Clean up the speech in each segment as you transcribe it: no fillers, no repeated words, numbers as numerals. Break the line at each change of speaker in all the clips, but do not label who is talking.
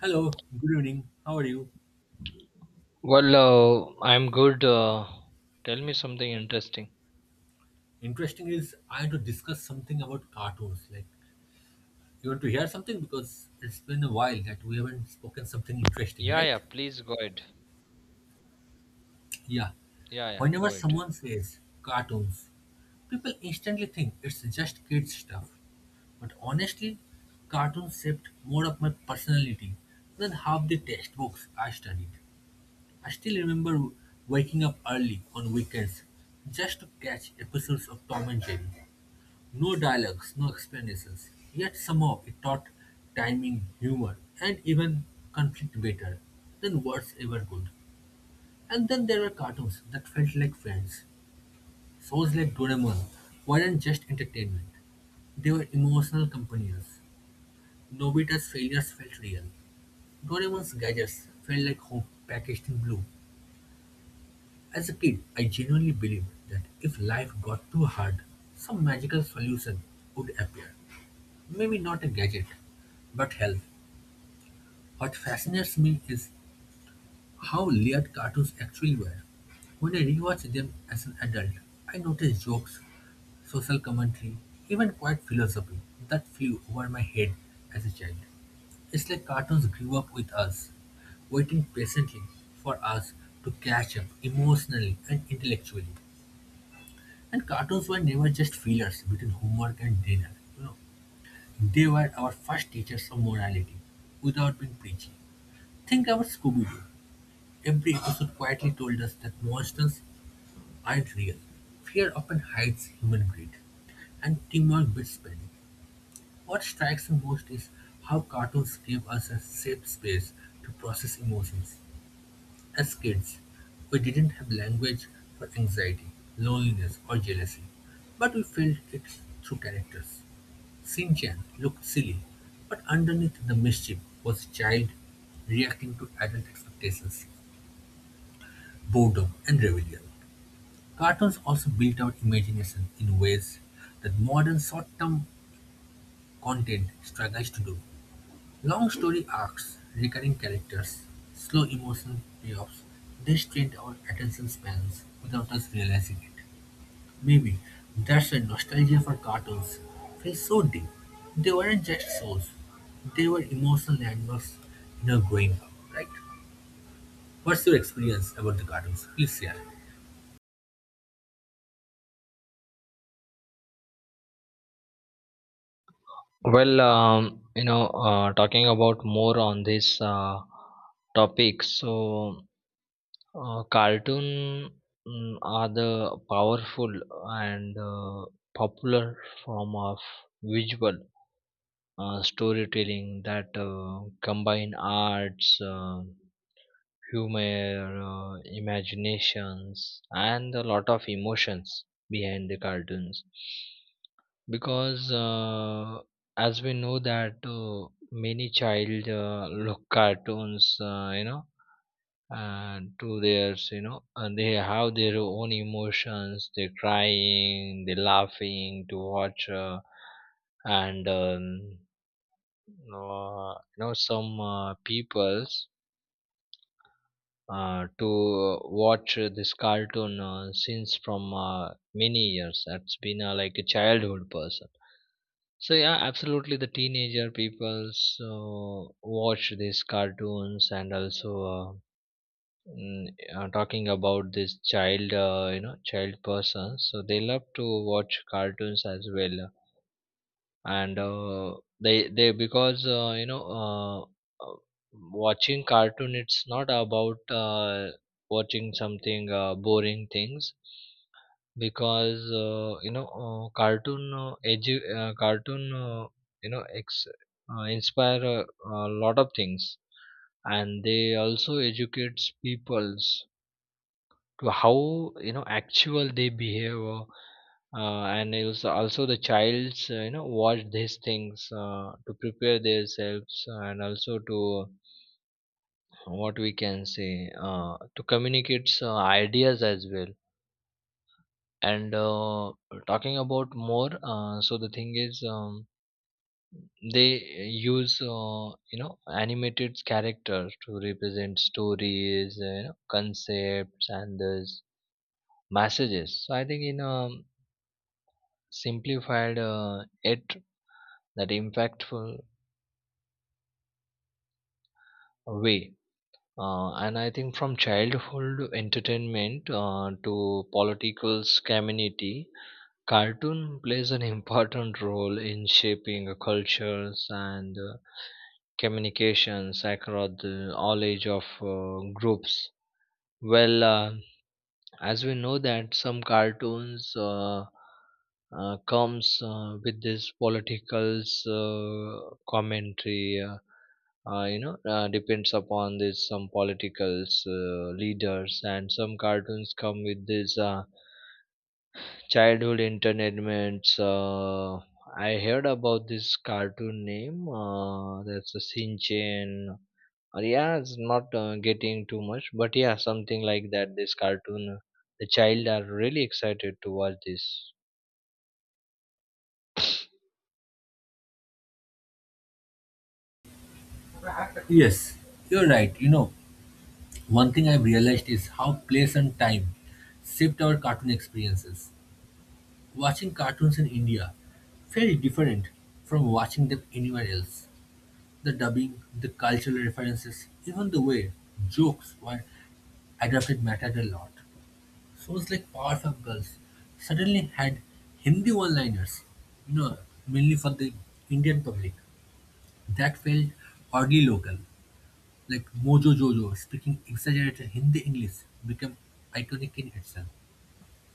Hello, good evening. How are you?
I'm good. Tell me something interesting.
Interesting is I had to discuss something about cartoons. Like, you want to hear something because it's been a while that we haven't spoken something interesting,
Yeah, yeah,
right?
please go ahead.
Yeah.
Yeah, yeah,
Whenever
go ahead.
someone says cartoons, people instantly think it's just kids stuff. But honestly, cartoons shaped more of my personality than half the textbooks I studied. I still remember waking up early on weekends just to catch episodes of Tom and Jerry. No dialogues, no explanations, yet somehow it taught timing, humor, and even conflict better than words ever could. And then there were cartoons that felt like friends. Shows like Doraemon weren't just entertainment, they were emotional companions. Nobita's failures felt real. Doraemon's gadgets felt like hope packaged in blue. As a kid, I genuinely believed that if life got too hard, some magical solution would appear. Maybe not a gadget, but health. What fascinates me is how layered cartoons actually were. When I rewatch them as an adult, I notice jokes, social commentary, even quiet philosophy that flew over my head as a child. It's like cartoons grew up with us, waiting patiently for us to catch up emotionally and intellectually. And cartoons were never just fillers between homework and dinner. You know, They were our first teachers of morality, without being preachy. Think about Scooby-Doo. Every episode quietly told us that monsters aren't real. Fear often hides human greed, and teamwork beats panic. What strikes me most is how cartoons give us a safe space to process emotions. As kids, we didn't have language for anxiety, loneliness, or jealousy, but we felt it through characters. Shin-chan looked silly, but underneath the mischief was a child reacting to adult expectations, boredom, and rebellion. Cartoons also built our imagination in ways that modern short-term content struggles to do. Long story arcs, recurring characters, slow emotional payoffs, they strained our attention spans without us realizing it. Maybe that's why nostalgia for cartoons feels so deep. They weren't just shows, they were emotional landmarks in our growing up, right? What's your experience about the cartoons? Please share.
Well, you know, talking about more on this topic, so cartoon are the powerful and popular form of visual storytelling that combine arts. To imaginations and a lot of emotions behind the cartoons because as we know that many child look cartoons, and to theirs, and they have their own emotions, they're crying, they're laughing to watch, and you know some peoples to watch this cartoon since from many years. That's been like a childhood person. So yeah, absolutely, the teenager people so watch these cartoons and also, mm, talking about this child, child person. So they love to watch cartoons as well, and they because uh, watching cartoon, it's not about watching something boring things because cartoon cartoon, you know ex- inspire a lot of things, and they also educates peoples to how, actual they behave, and also the child's watch these things to prepare themselves and also to, what we can say, to communicate ideas as well. And talking about more, so the thing is, they use, animated characters to represent stories, concepts and this messages, so I think in simplified it, that impactful way, and I think from childhood entertainment to political community, cartoon plays an important role in shaping cultures and communications across the all age of groups. well uh, as we know, that some cartoons, comes with this politicals commentary, depends upon this some politicals leaders, and some cartoons come with this childhood entertainments. I heard about this cartoon name, that's a shinchan. Uh, yeah, it's not getting too much, but yeah, something like that. This cartoon, the child are really excited to watch this.
Yes, you're right. You know, one thing I've realized is how place and time shaped our cartoon experiences. Watching cartoons in India very different from watching them anywhere else. The dubbing, the cultural references, even the way jokes were adapted mattered a lot. Shows like Powerpuff Girls suddenly had Hindi one-liners, you know, mainly for the Indian public. That felt oddly local. Like Mojo Jojo speaking exaggerated Hindi English became iconic in itself.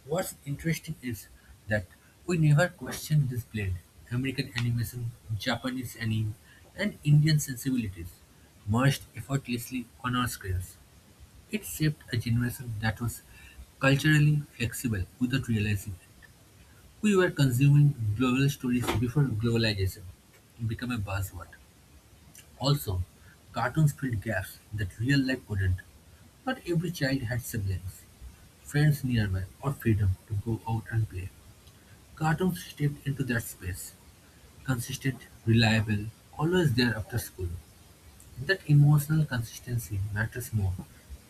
What's interesting is that we never questioned this blend American animation, Japanese anime, and Indian sensibilities merged effortlessly on our screens. It shaped a generation that was culturally flexible without realizing it. We were consuming global stories before globalization became a buzzword. Also, cartoons filled gaps that real life couldn't. Not every child had siblings, friends nearby, or freedom to go out and play. Cartoons stepped into that space: consistent, reliable, always there after school. That emotional consistency matters more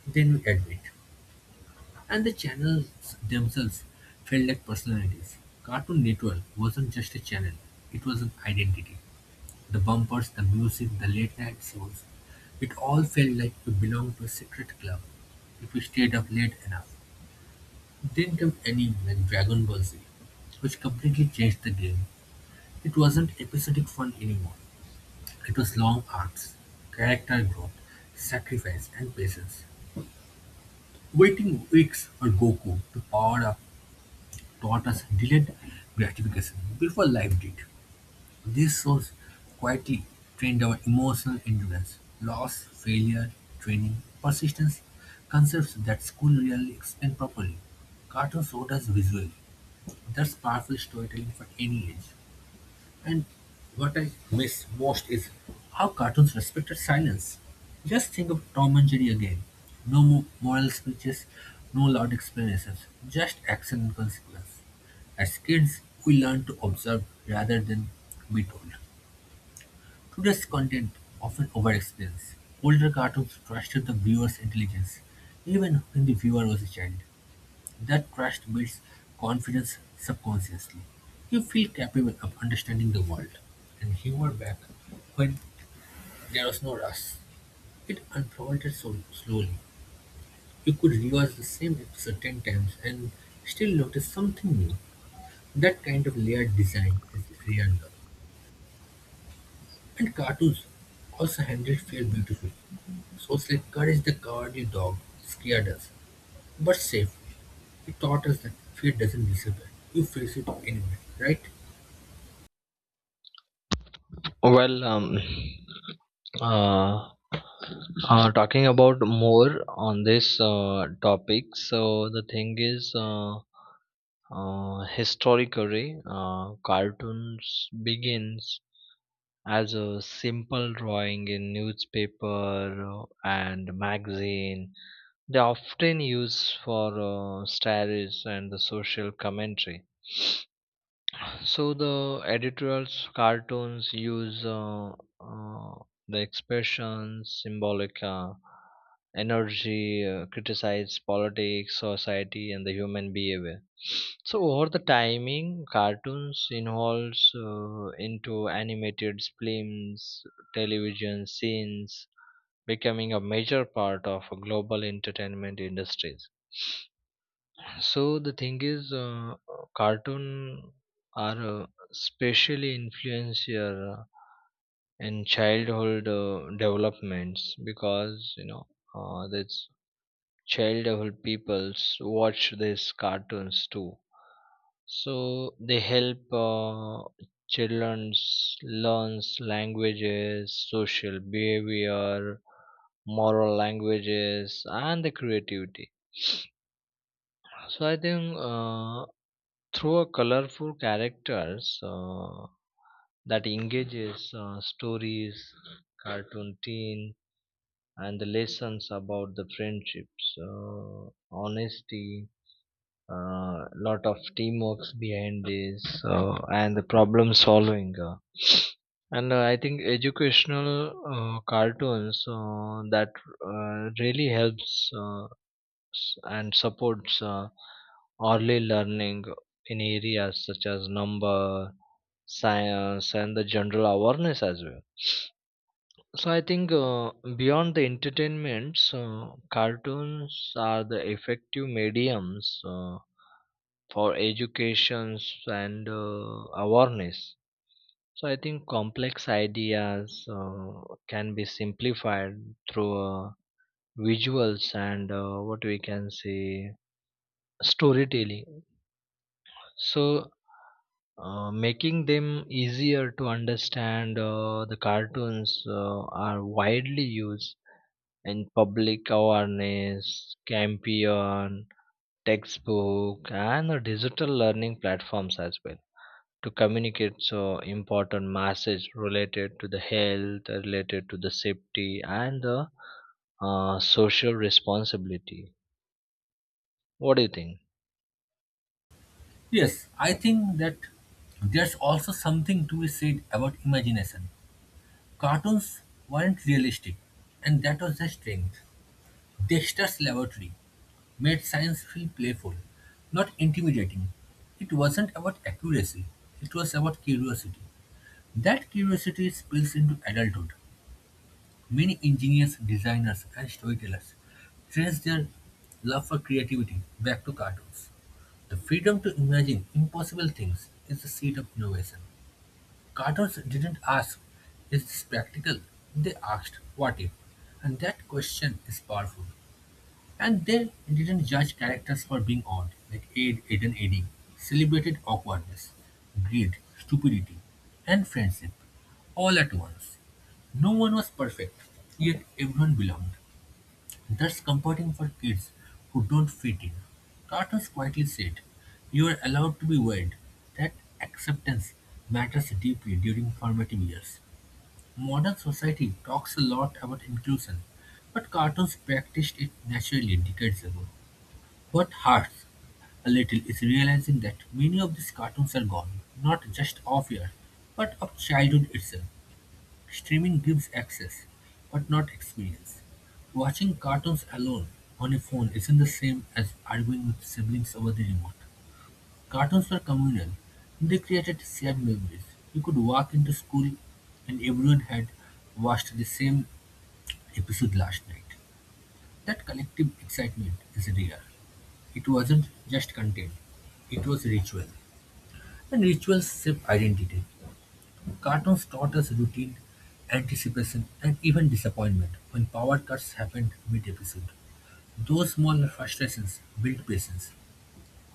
than we admit. And the channels themselves felt like personalities. Cartoon Network wasn't just a channel, it was an identity. The bumpers, the music, the late night shows, it all felt like we belonged to a secret club. If we stayed up late enough, then came anime like Dragon Ball Z, which completely changed the game. It wasn't episodic fun anymore, it was long arcs, character growth, sacrifice and patience. Waiting weeks for Goku to power up taught us delayed gratification before life did. These shows quietly trained our emotional endurance, loss, failure, training, persistence, concepts that school rarely explained properly. Cartoon showed us visually. That's powerful storytelling for any age. And what I miss most is how cartoons respected silence. Just think of Tom and Jerry again. No moral speeches, no loud explanations, just action and consequence. As kids, we learn to observe rather than be told. Today's content often overexplains. Older cartoons trusted the viewer's intelligence, even when the viewer was a child. That trust builds confidence subconsciously. You feel capable of understanding the world. And humor back when there was no rush. It unfolded so slowly. You could rewatch the same episode ten times and still notice something new. That kind of layered design is real love. And cartoons also handled fear beautifully. Shows like Courage the Cowardly Dog scared us, but safe. It taught us that fear doesn't disappear. You face it anyway, right?
Well, uh, talking about more on this topic. So the thing is, historically, cartoons begins as a simple drawing in newspaper and magazine. They are often used for satires and the social commentary. So the editorials, cartoons use, uh, the expressions, symbolic energy, criticize politics, society, and the human behavior. So over the timing, cartoons involves into animated films, television scenes, becoming a major part of global entertainment industries. So the thing is, cartoon are especially influential in childhood developments, because you know that's childhood peoples watch these cartoons too. So they help children learns languages, social behavior, moral languages, and the creativity. So I think, through a colorful characters that engages stories, cartoon teen, and the lessons about the friendships, honesty, a lot of teamwork behind this, and the problem solving. And I think educational cartoons that really helps. And supports early learning in areas such as number, science, and the general awareness as well. So I think beyond the entertainments, cartoons are the effective mediums for educations and awareness. So I think complex ideas can be simplified through visuals and, what we can say, storytelling. So, making them easier to understand, the cartoons are widely used in public awareness, campaign, textbook, and digital learning platforms as well, to communicate so important message related to the health, related to the safety, and the social responsibility. What do you think?
Yes, I think that there's also something to be said about imagination. Cartoons weren't realistic, and that was their strength. Dexter's Laboratory made science feel playful, not intimidating. It wasn't about accuracy, it was about curiosity. That curiosity spills into adulthood. Many engineers, designers, and storytellers trace their love for creativity back to cartoons. The freedom to imagine impossible things is the seed of innovation. Carters didn't ask, Is this practical? They asked, What if? And that question is powerful. And they didn't judge characters for being odd, like Aid, Ed, and Eddie, celebrated awkwardness, greed, stupidity, and friendship, all at once. No one was perfect, yet everyone belonged. That's comforting for kids who don't fit in. Carter quietly said, You are allowed to be weird. That acceptance matters deeply during formative years. Modern society talks a lot about inclusion, but cartoons practiced it naturally decades ago. What hurts a little is realizing that many of these cartoons are gone, not just of years, but of childhood itself. Streaming gives access, but not experience. Watching cartoons alone on a phone isn't the same as arguing with siblings over the remote. Cartoons were communal. They created shared memories. You could walk into school and everyone had watched the same episode last night. That collective excitement is real. It wasn't just content, it was ritual. And rituals shape identity. Cartoons taught us routine, anticipation, and even disappointment when power cuts happened mid-episode. Those small frustrations built patience.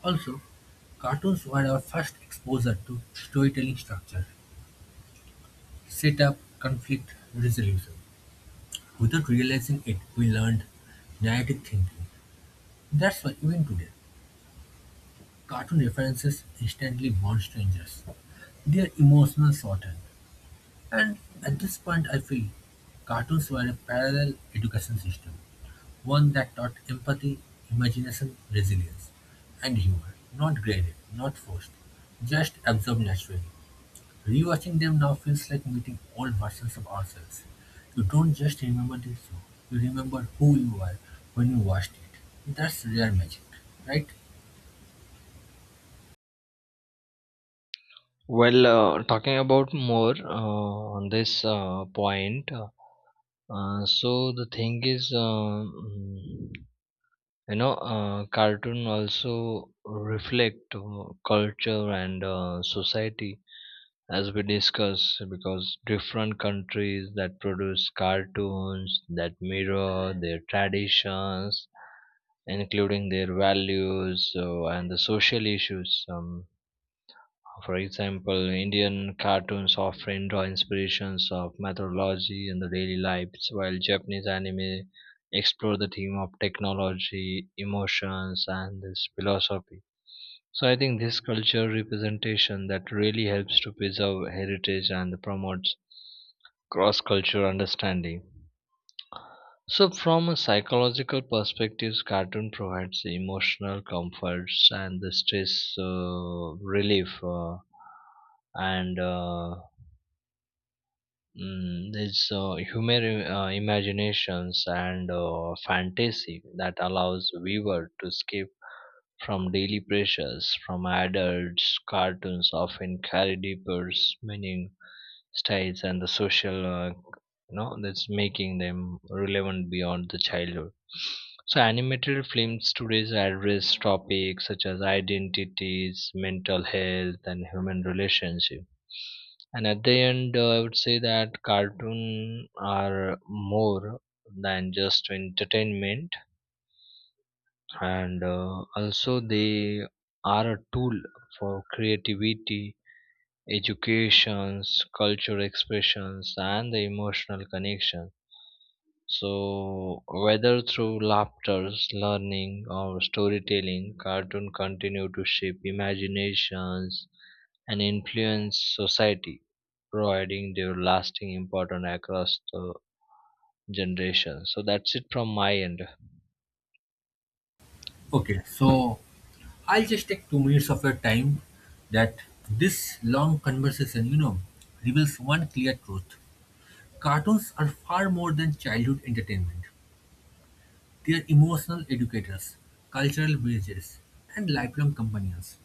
Also, cartoons were our first exposure to storytelling structure, setup, conflict, resolution. Without realizing it, we learned narrative thinking. That's why even today, cartoon references instantly bond strangers. They are emotional shorthand. And at this point, I feel cartoons were a parallel education system, one that taught empathy, imagination, resilience, and humor. Not graded, not forced, just absorbed naturally. Rewatching them now feels like meeting old versions of ourselves. You don't just remember the show, you remember who you were when you watched it. That's rare magic, right?
Well, talking about more on this point, so the thing is, cartoon also reflect culture and society, as we discuss, because different countries that produce cartoons that mirror their traditions, including their values and the social issues. For example, Indian cartoons often draw inspirations of mythology and the daily lives, while Japanese anime explore the theme of technology, emotions, and this philosophy. So I think this culture representation that really helps to preserve heritage and promotes cross-cultural understanding. So, from a psychological perspective, cartoon provides the emotional comforts and the stress relief, and uh, this human imaginations and fantasy that allows viewer to escape from daily pressures from adults. Cartoons often carry deeper meaning styles and the social, that's making them relevant beyond the childhood. So animated films today address topics such as identities, mental health, and human relationship. And at the end, I would say that cartoon are more than just entertainment, and also they are a tool for creativity, educations, cultural expressions, and the emotional connection. So, whether through laughter, learning, or storytelling, cartoon continue to shape imaginations and influence society, providing their lasting importance across the generations. So that's it from my end.
Okay, so I'll just take 2 minutes of your time that this long conversation, reveals one clear truth. Cartoons are far more than childhood entertainment. They are emotional educators, cultural bridges, and lifelong companions.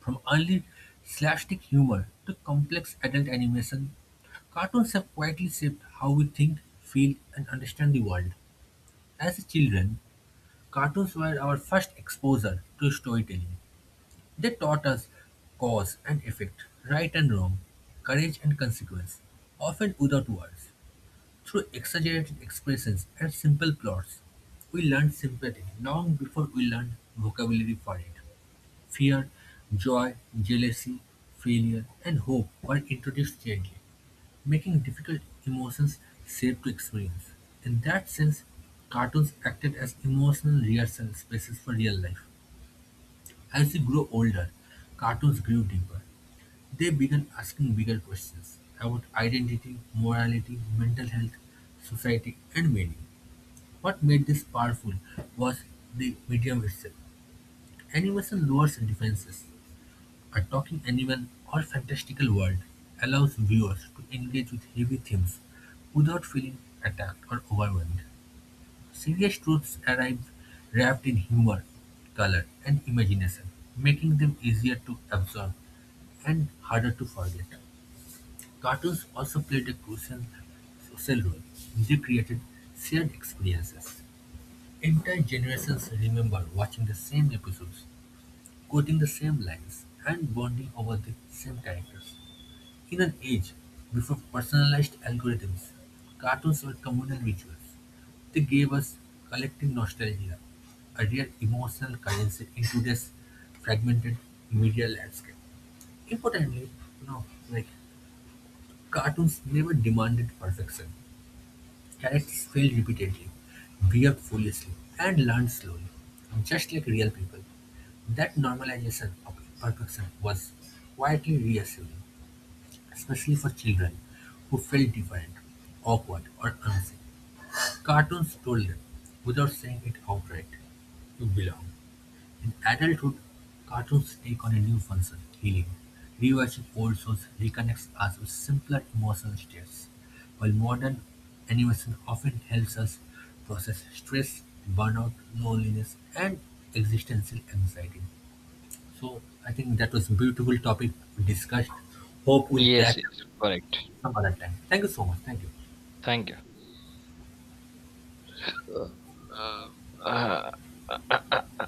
From early slapstick humor to complex adult animation, cartoons have quietly shaped how we think, feel, and understand the world. As children, cartoons were our first exposure to storytelling. They taught us cause and effect, right and wrong, courage and consequence, often without words. Through exaggerated expressions and simple plots, we learned sympathy long before we learned vocabulary for it. Fear, joy, jealousy, failure, and hope were introduced gently, making difficult emotions safe to experience. In that sense, cartoons acted as emotional rehearsal spaces for real life. As we grew older, cartoons grew deeper. They began asking bigger questions about identity, morality, mental health, society, and meaning. What made this powerful was the medium itself. Animation lowers defenses. A talking animal or fantastical world allows viewers to engage with heavy themes without feeling attacked or overwhelmed. Serious truths arrive wrapped in humor, color, and imagination, making them easier to absorb and harder to forget. Cartoons also played a crucial social role. They created shared experiences. Entire generations remember watching the same episodes, quoting the same lines, and bonding over the same characters. In an age before personalized algorithms, cartoons were communal rituals. They gave us collective nostalgia, a real emotional currency in today's fragmented media landscape. Importantly, you know, like cartoons never demanded perfection. Characters failed repeatedly, behaved foolishly, and learned slowly, just like real people. That normalization of imperfection was quietly reassuring. Especially for children who felt different, awkward, or unseen, cartoons told them, without saying it outright, you belong. In adulthood, cartoons take on a new function, healing. Rewatching old shows reconnects us with simpler emotional states, while modern animation often helps us process stress, burnout, loneliness, and existential anxiety. So I think that was a beautiful topic we discussed. Hope we'll
Yes,
catch
yes, correct.
some other time. Thank you so much. Thank you.
Thank you. Uh, uh, uh,